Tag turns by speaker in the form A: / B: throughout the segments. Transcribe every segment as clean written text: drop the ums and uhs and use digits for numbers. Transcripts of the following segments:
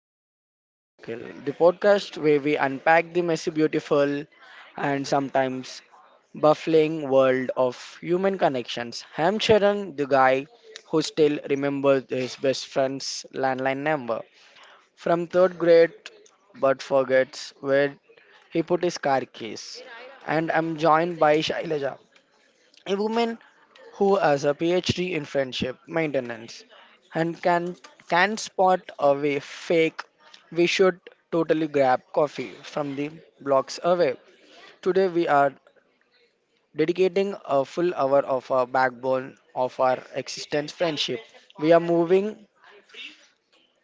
A: welcome to the Inner Circle, the podcast where we unpack the messy, beautiful, and sometimes baffling world of human connections. I'm Sharan, the guy who still remembers his best friend's landline number from third grade but forgets where he put his car keys. And I'm joined by Shailaja, a woman who has a PhD in friendship maintenance and can spot away fake. We should totally grab coffee from the blocks away. Today we are dedicating a full hour of our backbone of our existence friendship. We are moving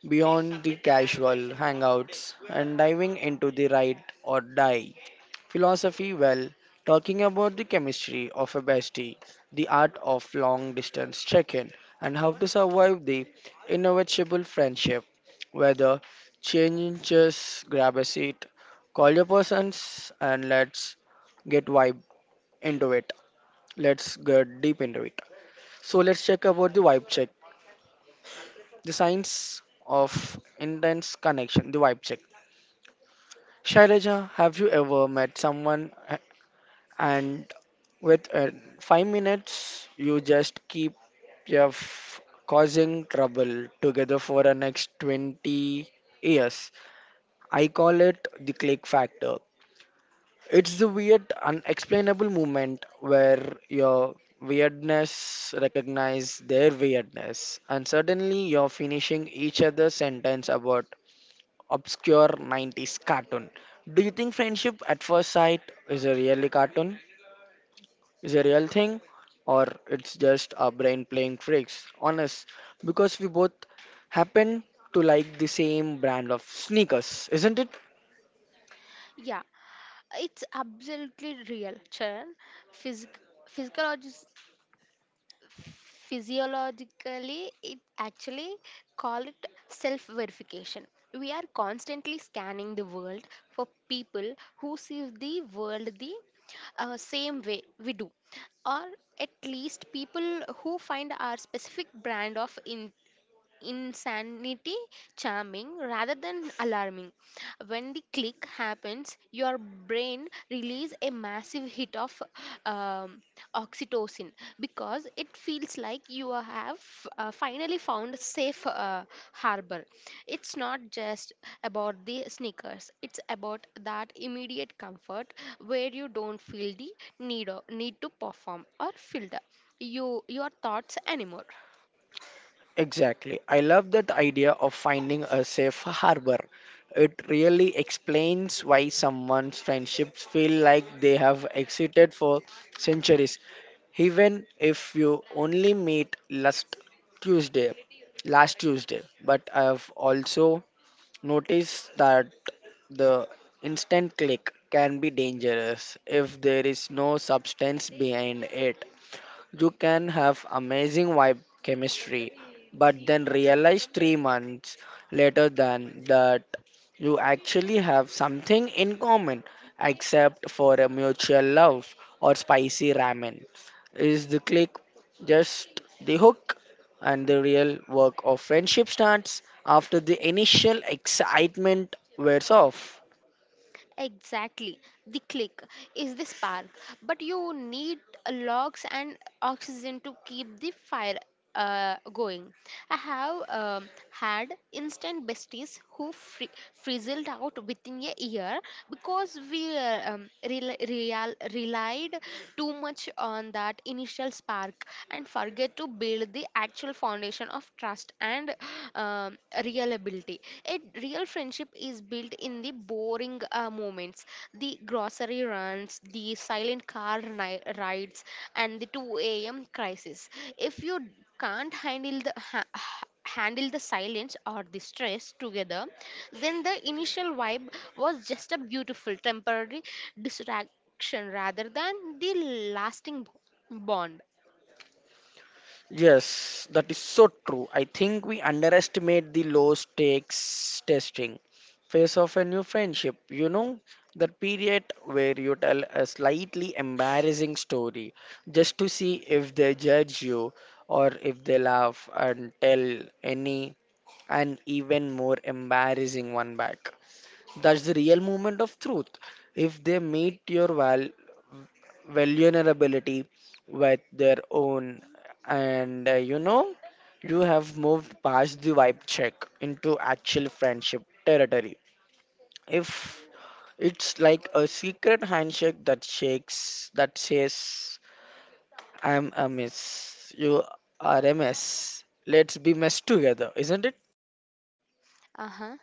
A: beyond the casual hangouts and diving into the right or die philosophy. Well, talking about the chemistry of a bestie, the art of long distance check in, and how to survive the inevitable friendship. Whether changes, grab a seat, call your persons, and let's get vibe into it. Let's get deep into it. So, let's check about the vibe check, the science of intense connection, the vibe check. Shailaja, have you ever met someone a- and With 5 minutes, you just keep your causing trouble together for the next 20 years? I call it the click factor. It's the weird, unexplainable moment where your weirdness recognize their weirdness, and suddenly you're finishing each other's sentence about obscure 90s cartoon. Do you think friendship at first sight is a really cartoon? Is a real thing, or it's just our brain playing tricks on us because we both happen to like the same brand of sneakers, isn't it?
B: Yeah, it's absolutely real, Charan. Physic- physiologis- physiologically, it actually called it self-verification. We are constantly scanning the world for people who see the world the same way we do, or at least people who find our specific brand of insanity charming rather than alarming. When the click happens, your brain releases a massive hit of um, oxytocin because it feels like you have finally found a safe harbor. It's not just about the sneakers, it's about that immediate comfort where you don't feel the need to perform or filter your thoughts anymore.
A: Exactly. I love that idea of finding a safe harbor. It really explains why someone's friendships feel like they have existed for centuries, even if you only meet Tuesday, last Tuesday. But I have also notice that the instant click can be dangerous if there is no substance behind it. You can have amazing vibe chemistry, but then realize 3 months later than that you actually have something in common except for a mutual love or spicy ramen. Is the click just the hook? And the real work of friendship starts after the initial excitement wears off.
B: Exactly. The click is the spark, but you need logs and oxygen to keep the fire going. I have had instant besties who frizzled out within a year because we relied too much on that initial spark and forget to build the actual foundation of trust and uh, um, real ability. A real friendship is built in the boring moments, the grocery runs, the silent car rides, and the 2 a.m. crisis. If you can't handle the silence or the stress together, then the initial vibe was just a beautiful temporary distraction rather than the lasting bond.
A: Yes, that is so true. I think we underestimate the low stakes testing phase of a new friendship. You know, that period where you tell a slightly embarrassing story just to see if they judge you or if they laugh and tell any an even more embarrassing one back. That's the real moment of truth. If they meet your val vulnerability with their own, and you know you have moved past the vibe check into actual friendship territory, if it's like a secret handshake that shakes that says, I'm a miss, you are a mess, let's be mess together, isn't it?
B: Uh huh.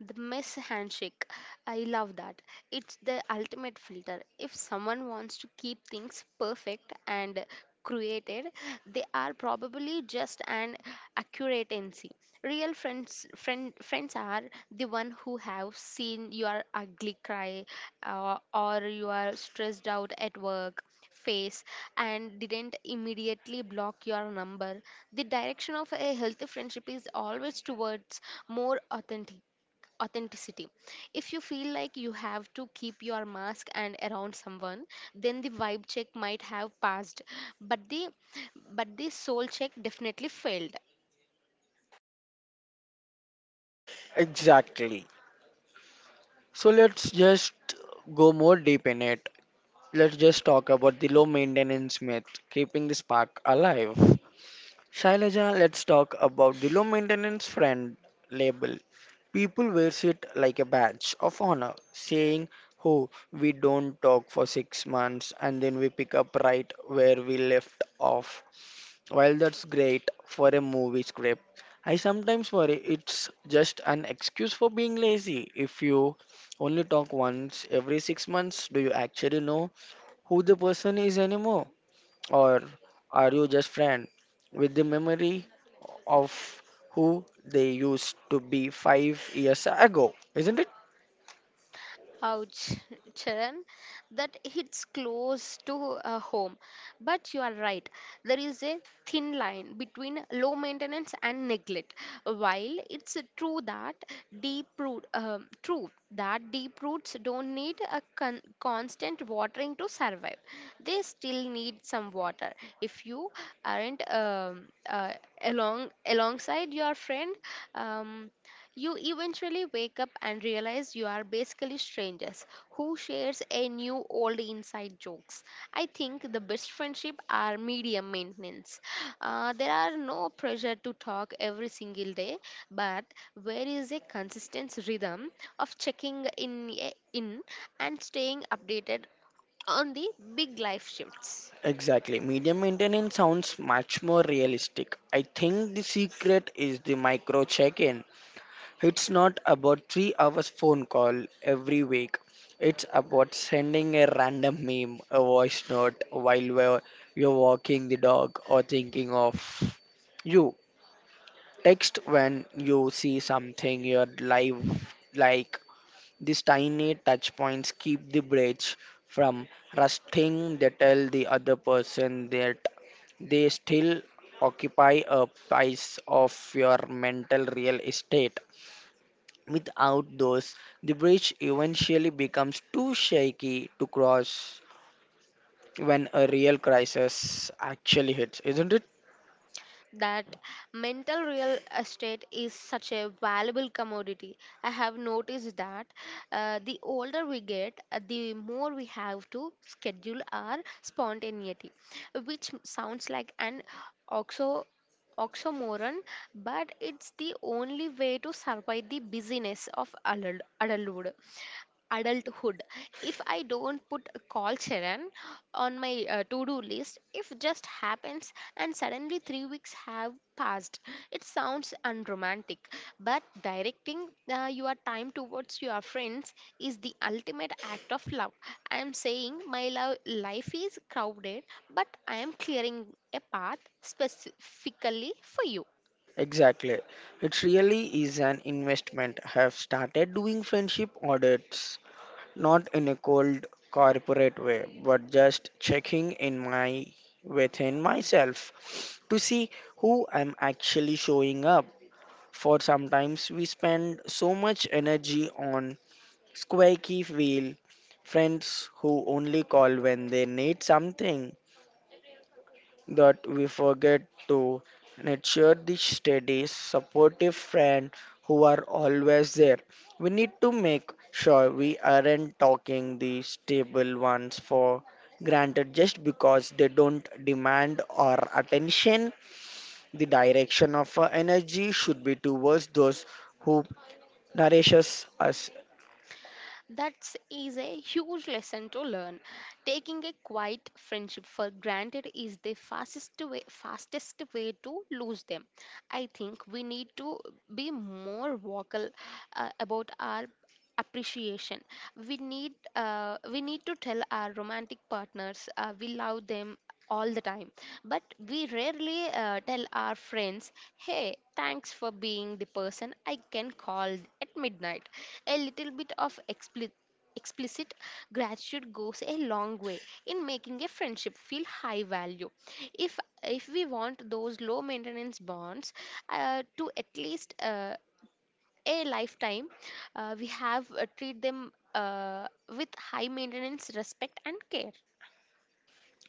B: The mess handshake. I love that. It's the ultimate filter. If someone wants to keep things perfect and created, they are probably just an accuratency. Real friends are the one who have seen your ugly cry or you are stressed out at work face and didn't immediately block your number. The direction of a healthy friendship is always towards more authenticity. If you feel like you have to keep your mask and around someone, then the vibe check might have passed, but the soul check definitely failed.
A: Exactly. So let's just go more deep in it. Let's just talk about the low maintenance myth, keeping the spark alive. Shailaja, let's talk about the low maintenance friend label. People wears it like a badge of honor, saying, "Oh, we don't talk for 6 months and then we pick up right where we left off." While that's great for a movie script, I sometimes worry it's just an excuse for being lazy. If you only talk once every 6 months, do you actually know who the person is anymore? Or are you just friend with the memory of who they used to be 5 years ago? Isn't it?
B: Ouch, Charan, that hits close to home. But you are right, there is a thin line between low maintenance and neglect. While it's true that deep roots don't need a constant watering to survive, they still need some water. If you aren't alongside your friend. Um, you eventually wake up and realize you are basically strangers who shares a new old inside jokes. I think the best friendship are medium maintenance. There are no pressure to talk every single day, but where is a consistent rhythm of checking in and staying updated on the big life shifts.
A: Exactly. Medium maintenance sounds much more realistic. I think the secret is the micro check in. It's not about 3 hours phone call every week. It's about sending a random meme, a voice note while you're walking the dog, or thinking of you. Text when you see something your life, like these tiny touch points keep the bridge from rusting. They tell the other person that they still occupy a piece of your mental real estate. Without those, the bridge eventually becomes too shaky to cross when a real crisis actually hits, isn't it?
B: That mental real estate is such a valuable commodity. I have noticed that the older we get, the more we have to schedule our spontaneity, which sounds like an oxymoron oxymoron, but it's the only way to survive the busyness of adulthood. Adulthood. If I don't put a call Sharon on my to-do list, if just happens and suddenly 3 weeks have past. It sounds unromantic, but directing your time towards your friends is the ultimate act of love. I am saying my love life is crowded, but I am clearing a path specifically for you.
A: Exactly. It really is an investment. I have started doing friendship audits, not in a cold corporate way, but just checking in my within myself to see who I'm actually showing up. For sometimes we spend so much energy on squeaky wheel friends who only call when they need something that we forget to nurture the steady, supportive friend who are always there. We need to make sure we aren't talking the stable ones for granted just because they don't demand our attention. The direction of our energy should be towards those who nourishes us.
B: That is a huge lesson to learn. Taking a quiet friendship for granted is the fastest way to lose them. I think we need to be more vocal about our appreciation. We need to tell our romantic partners we love them all the time, but we rarely tell our friends, hey, thanks for being the person I can call at midnight. A little bit of explicit gratitude goes a long way in making a friendship feel high value. If we want those low maintenance bonds to at least a lifetime, we have treat them with high maintenance respect and care.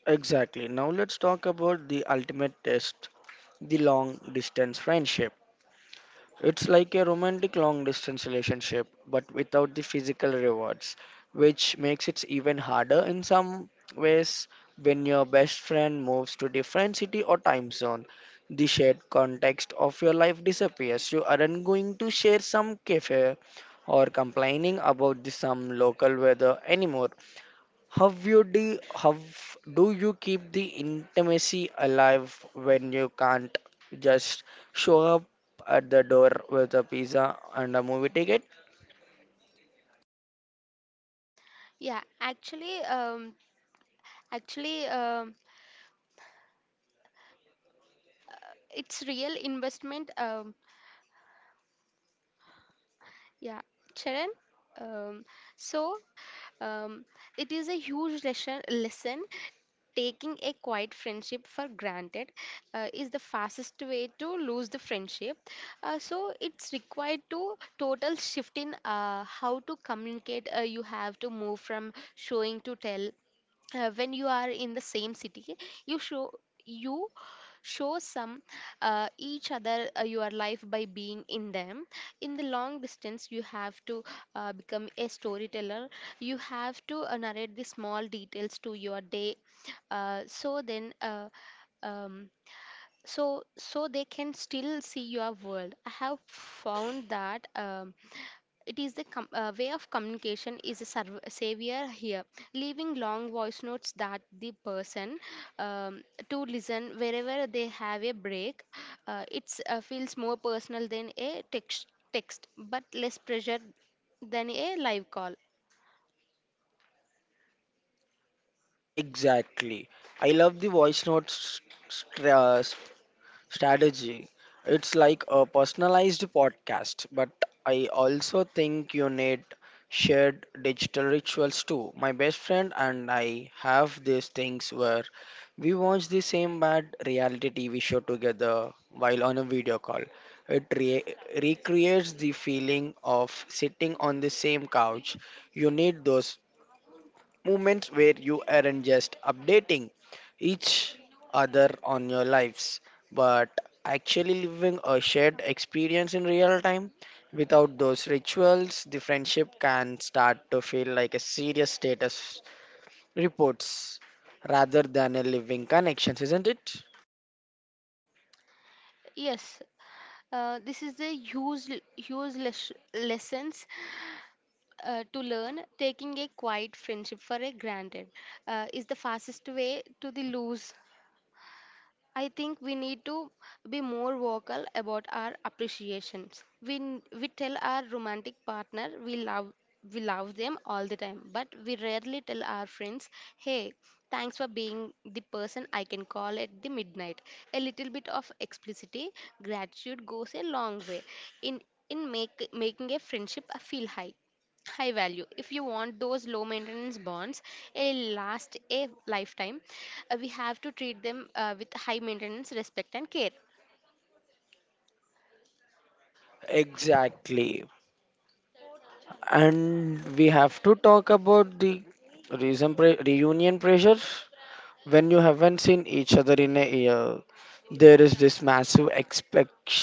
A: Exactly. Now let's talk about the ultimate test, the long distance friendship. It's like a romantic long distance relationship, but without the physical rewards, which makes it even harder in some ways when your best friend moves to different city or time zone. The shared context of your life disappears. You aren't going to share some cafe or complaining about the some local weather anymore. How do you keep the intimacy alive when you can't just show up at the door with a pizza and a movie ticket?
B: Yeah, actually, it's real investment. Yeah, Charan. Um, so um, it is a huge lesson. Taking a quiet friendship for granted is the fastest way to lose the friendship. So it's required to total shift in how to communicate. You have to move from showing to tell when you are in the same city. You show you show some each other your life by being in them. In the long distance you have to become a storyteller. You have to narrate the small details to your day so then um, so they can still see your world. I have found that it is the way of communication is a savior here. Leaving long voice notes that the person um, to listen wherever they have a break, it's feels more personal than a text but less pressure than a live call.
A: Exactly. I love the voice notes strategy. It's like a personalized podcast, but I also think you need shared digital rituals too. My best friend and I have these things where we watch the same bad reality TV show together while on a video call. It recreates the feeling of sitting on the same couch. You need those moments where you aren't just updating each other on your lives, but actually living a shared experience in real time. Without those rituals, the friendship can start to feel like a serious status reports rather than a living connections, isn't it?
B: Yes, this is a huge lessons to learn. Taking a quiet friendship for a granted is the fastest way to the lose. I think we need to be more vocal about our appreciations. We tell our romantic partner we love them all the time, but we rarely tell our friends, hey, thanks for being the person I can call at the midnight. A little bit of explicity gratitude goes a long way in in making a friendship feel high value. If you want those low maintenance bonds a last a lifetime, we have to treat them with high maintenance respect and care.
A: Exactly. And we have to talk about the reunion pressure when you haven't seen each other in a year. There is this massive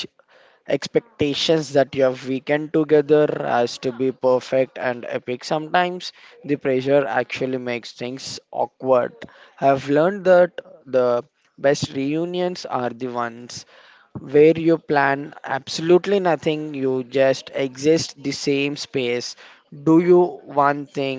A: expectations that your weekend together has to be perfect and epic. Sometimes the pressure actually makes things awkward. I've learned that the best reunions are the ones where you plan absolutely nothing. You just exist the same space, do you one thing,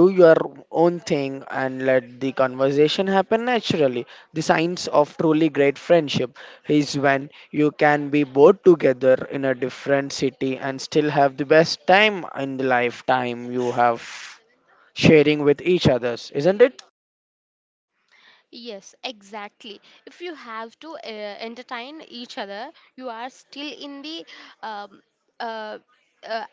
A: do your own thing, and let the conversation happen naturally. The signs of truly great friendship is when you can be both together in a different city and still have the best time in the lifetime you have sharing with each others, isn't it?
B: Yes, exactly. If you have to entertain each other, you are still in the um, uh, uh,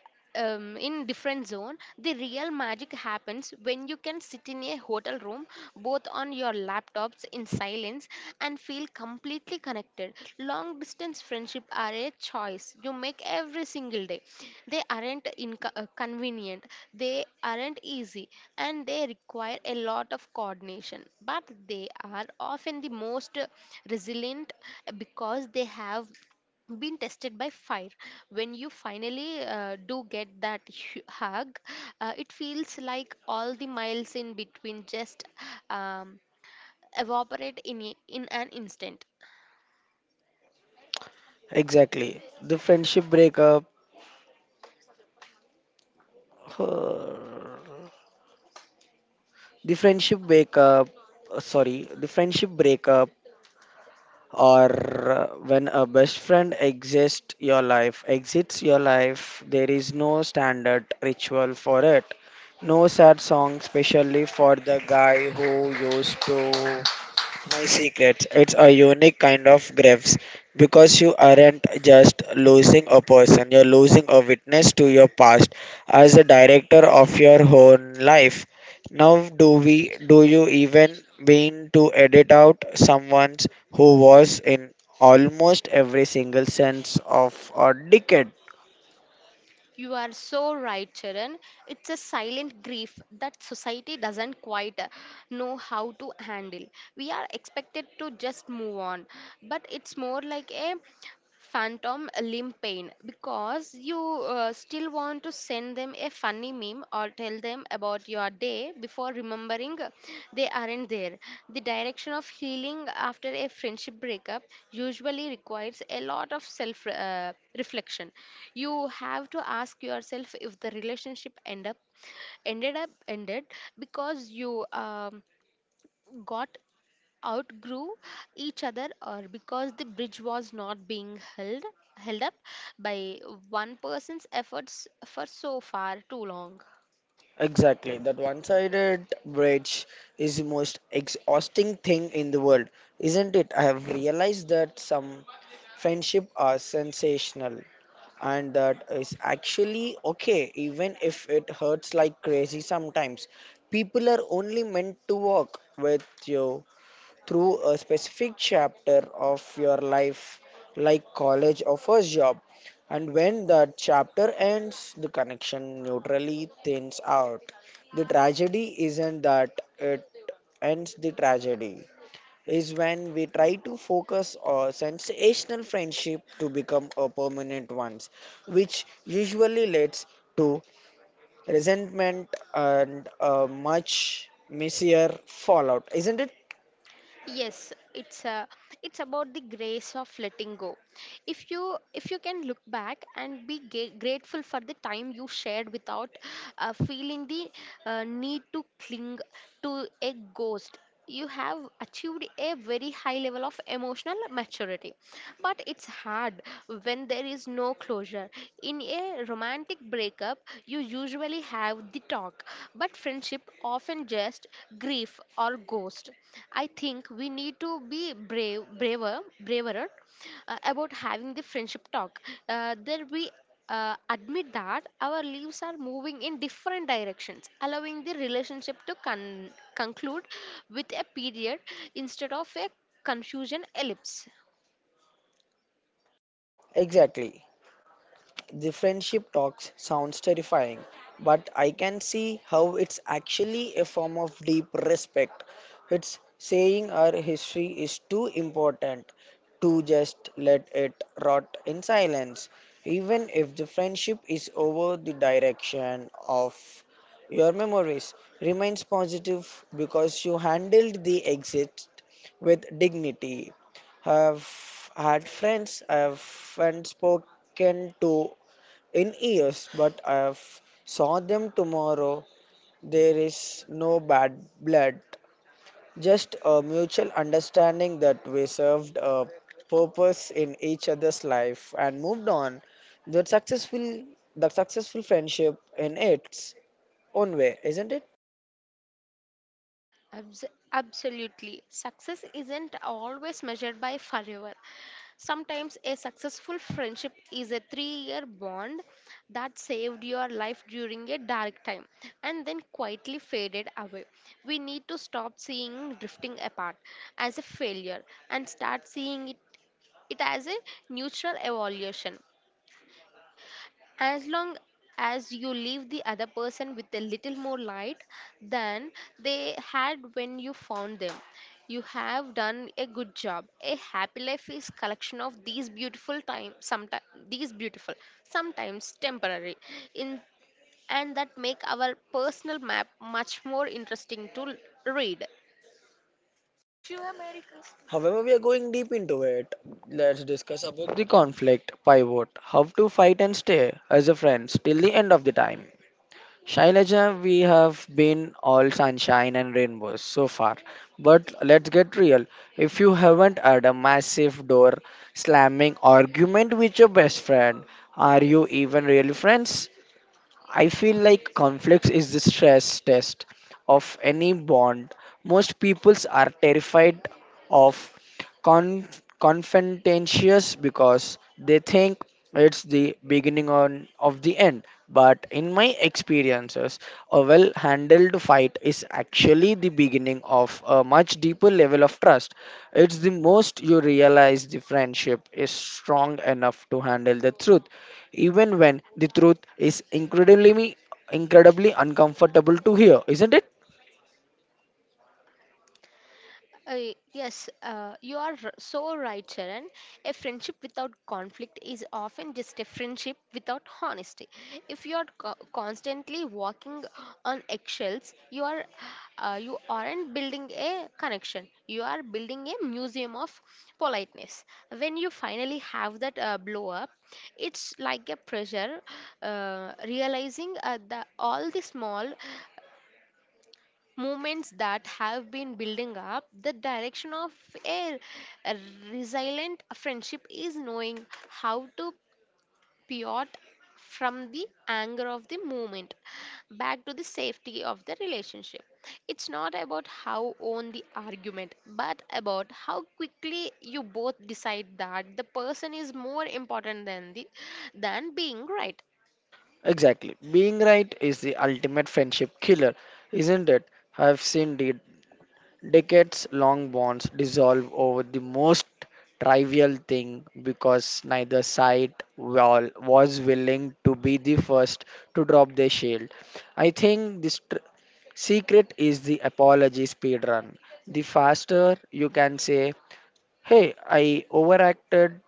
B: in different zone. The real magic happens when you can sit in a hotel room both on your laptops in silence and feel completely connected. Long distance friendship are a choice you make every single day. They aren't convenient, they aren't easy, and they require a lot of coordination. But they are often the most resilient because they have been tested by fire. When you finally do get that hug, it feels like all the miles in between just um, evaporate in an instant.
A: Exactly. The friendship breakup. The friendship breakup. The friendship breakup, or when a best friend exists your life, exits your life, there is no standard ritual for it, no sad song specially for the guy who used to my secret. It's a unique kind of graves, because you aren't just losing a person, you're losing a witness to your past as a director of your own life. Now do you even mean to edit out someone who was in almost every single sense of a decade?
B: You are so right, Charan. It's a silent grief that society doesn't quite know how to handle. We are expected to just move on, but it's more like a phantom limb pain because you still want to send them a funny meme or tell them about your day before remembering they aren't there. The direction of healing after a friendship breakup usually requires a lot of self reflection. You have to ask yourself if the relationship end up ended because you got outgrew each other, or because the bridge was not being held up by one person's efforts for so far too long.
A: Exactly. That one sided bridge is the most exhausting thing in the world, isn't it? I have realized that some friendship are sensational, and that is actually okay, even if it hurts like crazy sometimes. People are only meant to work with you through a specific chapter of your life, like college or first job. And when that chapter ends, the connection neutrally thins out. The tragedy isn't that it ends, the tragedy, is when we try to focus a sensational friendship to become a permanent one, which usually leads to resentment and a much messier fallout, isn't it?
B: Yes, it's about the grace of letting go. If you can look back and be grateful for the time you shared without feeling the need to cling to a ghost, you have achieved a very high level of emotional maturity. But it's hard when there is no closure. In a romantic breakup you usually have the talk, but friendship often just grief or ghost. I think we need to be braver about having the friendship talk. There we admit that our lives are moving in different directions, allowing the relationship to conclude with a period instead of a confusion ellipse.
A: Exactly. The friendship talks sounds terrifying, but I can see how it's actually a form of deep respect. It's saying our history is too important to just let it rot in silence. Even if the friendship is over, the direction of your memories remains positive because you handled the exit with dignity. Have had friends, I've and spoken to in years, but I've saw them tomorrow. There is no bad blood, just a mutual understanding that we served a purpose in each other's life and moved on. That successful, the successful friendship in its own way, isn't it?
B: Abs- Absolutely. Success isn't always measured by forever. Sometimes a successful friendship is a 3 year bond that saved your life during a dark time and then quietly faded away. We need to stop seeing drifting apart as a failure and start seeing it as a neutral evolution. As long as you leave the other person with a little more light than they had when you found them, you have done a good job. A happy life is collection of these beautiful time sometimes, these beautiful sometimes temporary, in and that make our personal map much more interesting to read.
A: However, we are going deep into it. Let's discuss about the conflict pivot, how to fight and stay as a friend till the end of the time. Shailaja, we have been all sunshine and rainbows so far. But let's get real. If you haven't had a massive door slamming argument with your best friend, are you even really friends? I feel like conflicts is the stress test of any bond. Most peoples are terrified of con- confrontations because they think it's the beginning on, of the end. But in my experiences, a well handled fight is actually the beginning of a much deeper level of trust. It's the most you realize the friendship is strong enough to handle the truth, even when the truth is incredibly, incredibly uncomfortable to hear, isn't it?
B: Uh, yes, you are so right, Sharon. A friendship without conflict is often just a friendship without honesty. If you are constantly walking on eggshells, you aren't building a connection. You are building a museum of politeness. When you finally have that blow up, it's like a pressure realizing the all the small movements that have been building up. The direction of a resilient friendship is knowing how to pivot from the anger of the moment back to the safety of the relationship. It's not about how own the argument, but about how quickly you both decide that the person is more important than the than being right.
A: Exactly. Being right is the ultimate friendship killer, isn't it? I've seen the decades long bonds dissolve over the most trivial thing because neither side wall was willing to be the first to drop their shield. I think this secret is the apology speed run. The faster you can say, "Hey, I overacted,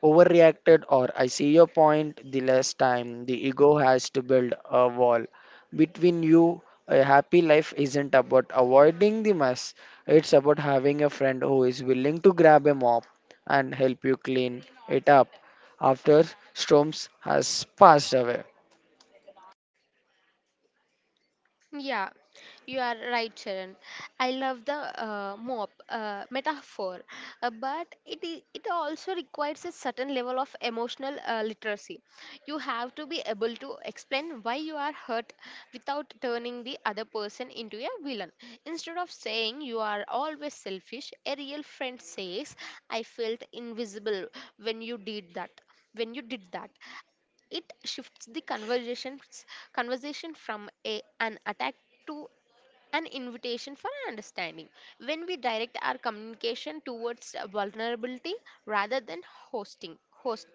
A: overreacted," or "I see your point," the less time the ego has to build a wall between you. A happy life isn't about avoiding the mess, it's about having a friend who is willing to grab a mop and help you clean it up after storms has passed away.
B: Yeah, you are right, Sharon. I love the mop metaphor, but it also requires a certain level of emotional literacy. You have to be able to explain why you are hurt without turning the other person into a villain. Instead of saying you are always selfish, a real friend says, "I felt invisible when you did that." When you did that, it shifts the conversation from an attack to an invitation for understanding. When we direct our communication towards vulnerability rather than host,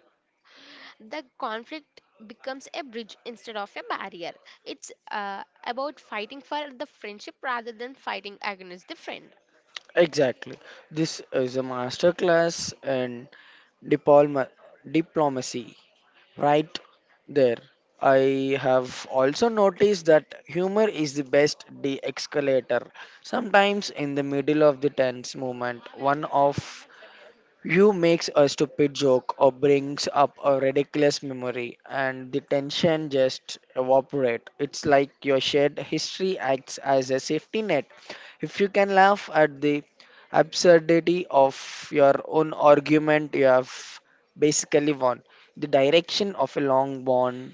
B: the conflict becomes a bridge instead of a barrier. It's about fighting for the friendship rather than fighting against the friend.
A: Exactly. This is a masterclass in Diploma, diplomacy. Right there. I have also noticed that humor is the best de escalator. Sometimes in the middle of the tense moment, one of you makes a stupid joke or brings up a ridiculous memory, and the tension just evaporate. It's like your shared history acts as a safety net. If you can laugh at the absurdity of your own argument, you have basically won. The direction of a long bond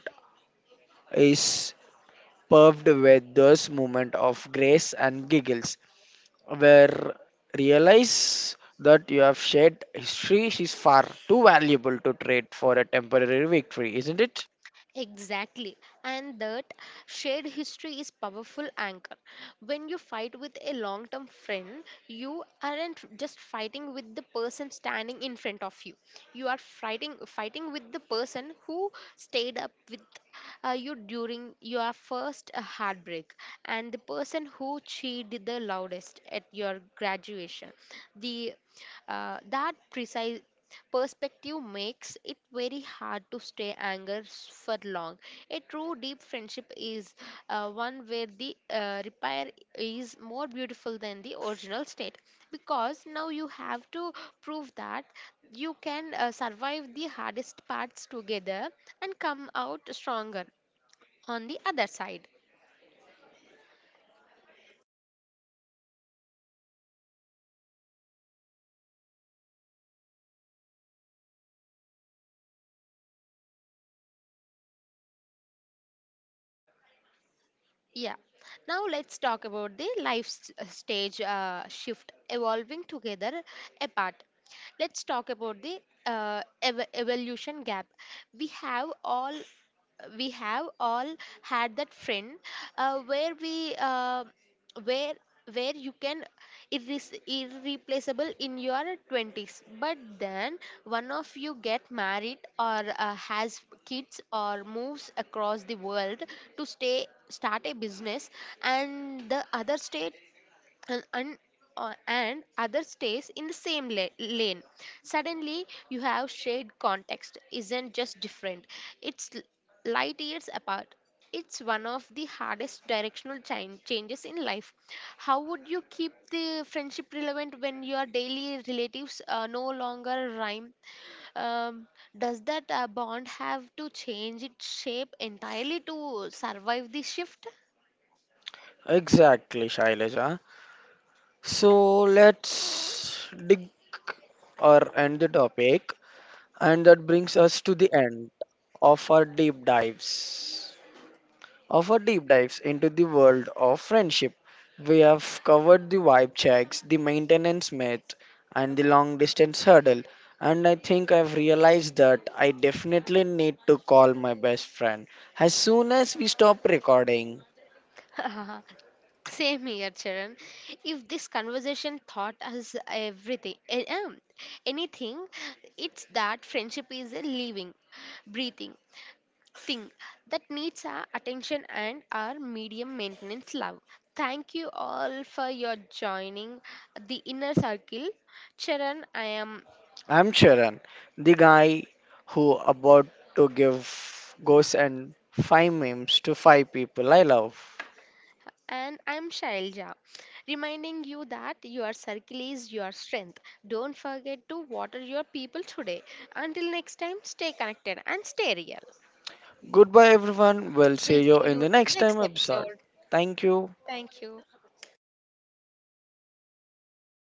A: is paved with those moments of grace and giggles where realize that you have shared history is far too valuable to trade for a temporary victory, isn't it?
B: Exactly. And that shared history is powerful anchor. When you fight with a long-term friend, you aren't just fighting with the person standing in front of you. You are fighting with the person who stayed up with you during your first heartbreak and the person who cheated the loudest at your graduation. The That precise perspective makes it very hard to stay anger for long. A true deep friendship is one where the repair is more beautiful than the original state, because now you have to prove that you can survive the hardest parts together and come out stronger on the other side. Yeah. Now let's talk about the life stage shift evolving together apart. Let's talk about the evolution gap. We have all we have all had that friend where we where where you can irreplaceable in your 20s, but then one of you get married or has kids or moves across the world to stay start a business, and the other state and un, and other stays in the same lane. Suddenly you have shared context isn't just different, it's light years apart. It's one of the hardest directional changes in life. How would you keep the friendship relevant when your daily relatives no longer rhyme? um, does that bond have to change its shape entirely to survive the shift?
A: Exactly, Shailaja. So let's dig or end the topic, and that brings us to the end of our deep dives. Of our deep dives into the world of friendship. We have covered the vibe checks, the maintenance myth, and the long distance hurdle. And I think I've realized that I definitely need to call my best friend as soon as we stop recording.
B: Same here, Charan. If this conversation taught us everything, anything, it's that friendship is a living, breathing thing that needs our attention and our medium maintenance love. Thank you all for your joining the inner circle. Charan, I am.
A: I'm Sharan, the guy who about to give ghosts and five memes to five people I love.
B: And I'm Shailja, reminding you that your circle is your strength. Don't forget to water your people today. Until next time, stay connected and stay real.
A: Goodbye, everyone. We'll
B: We'll
A: see
B: see
A: you in
B: you
A: the
B: in the
A: next time
B: next
A: episode.
B: episode.
A: Thank you.
B: Thank you.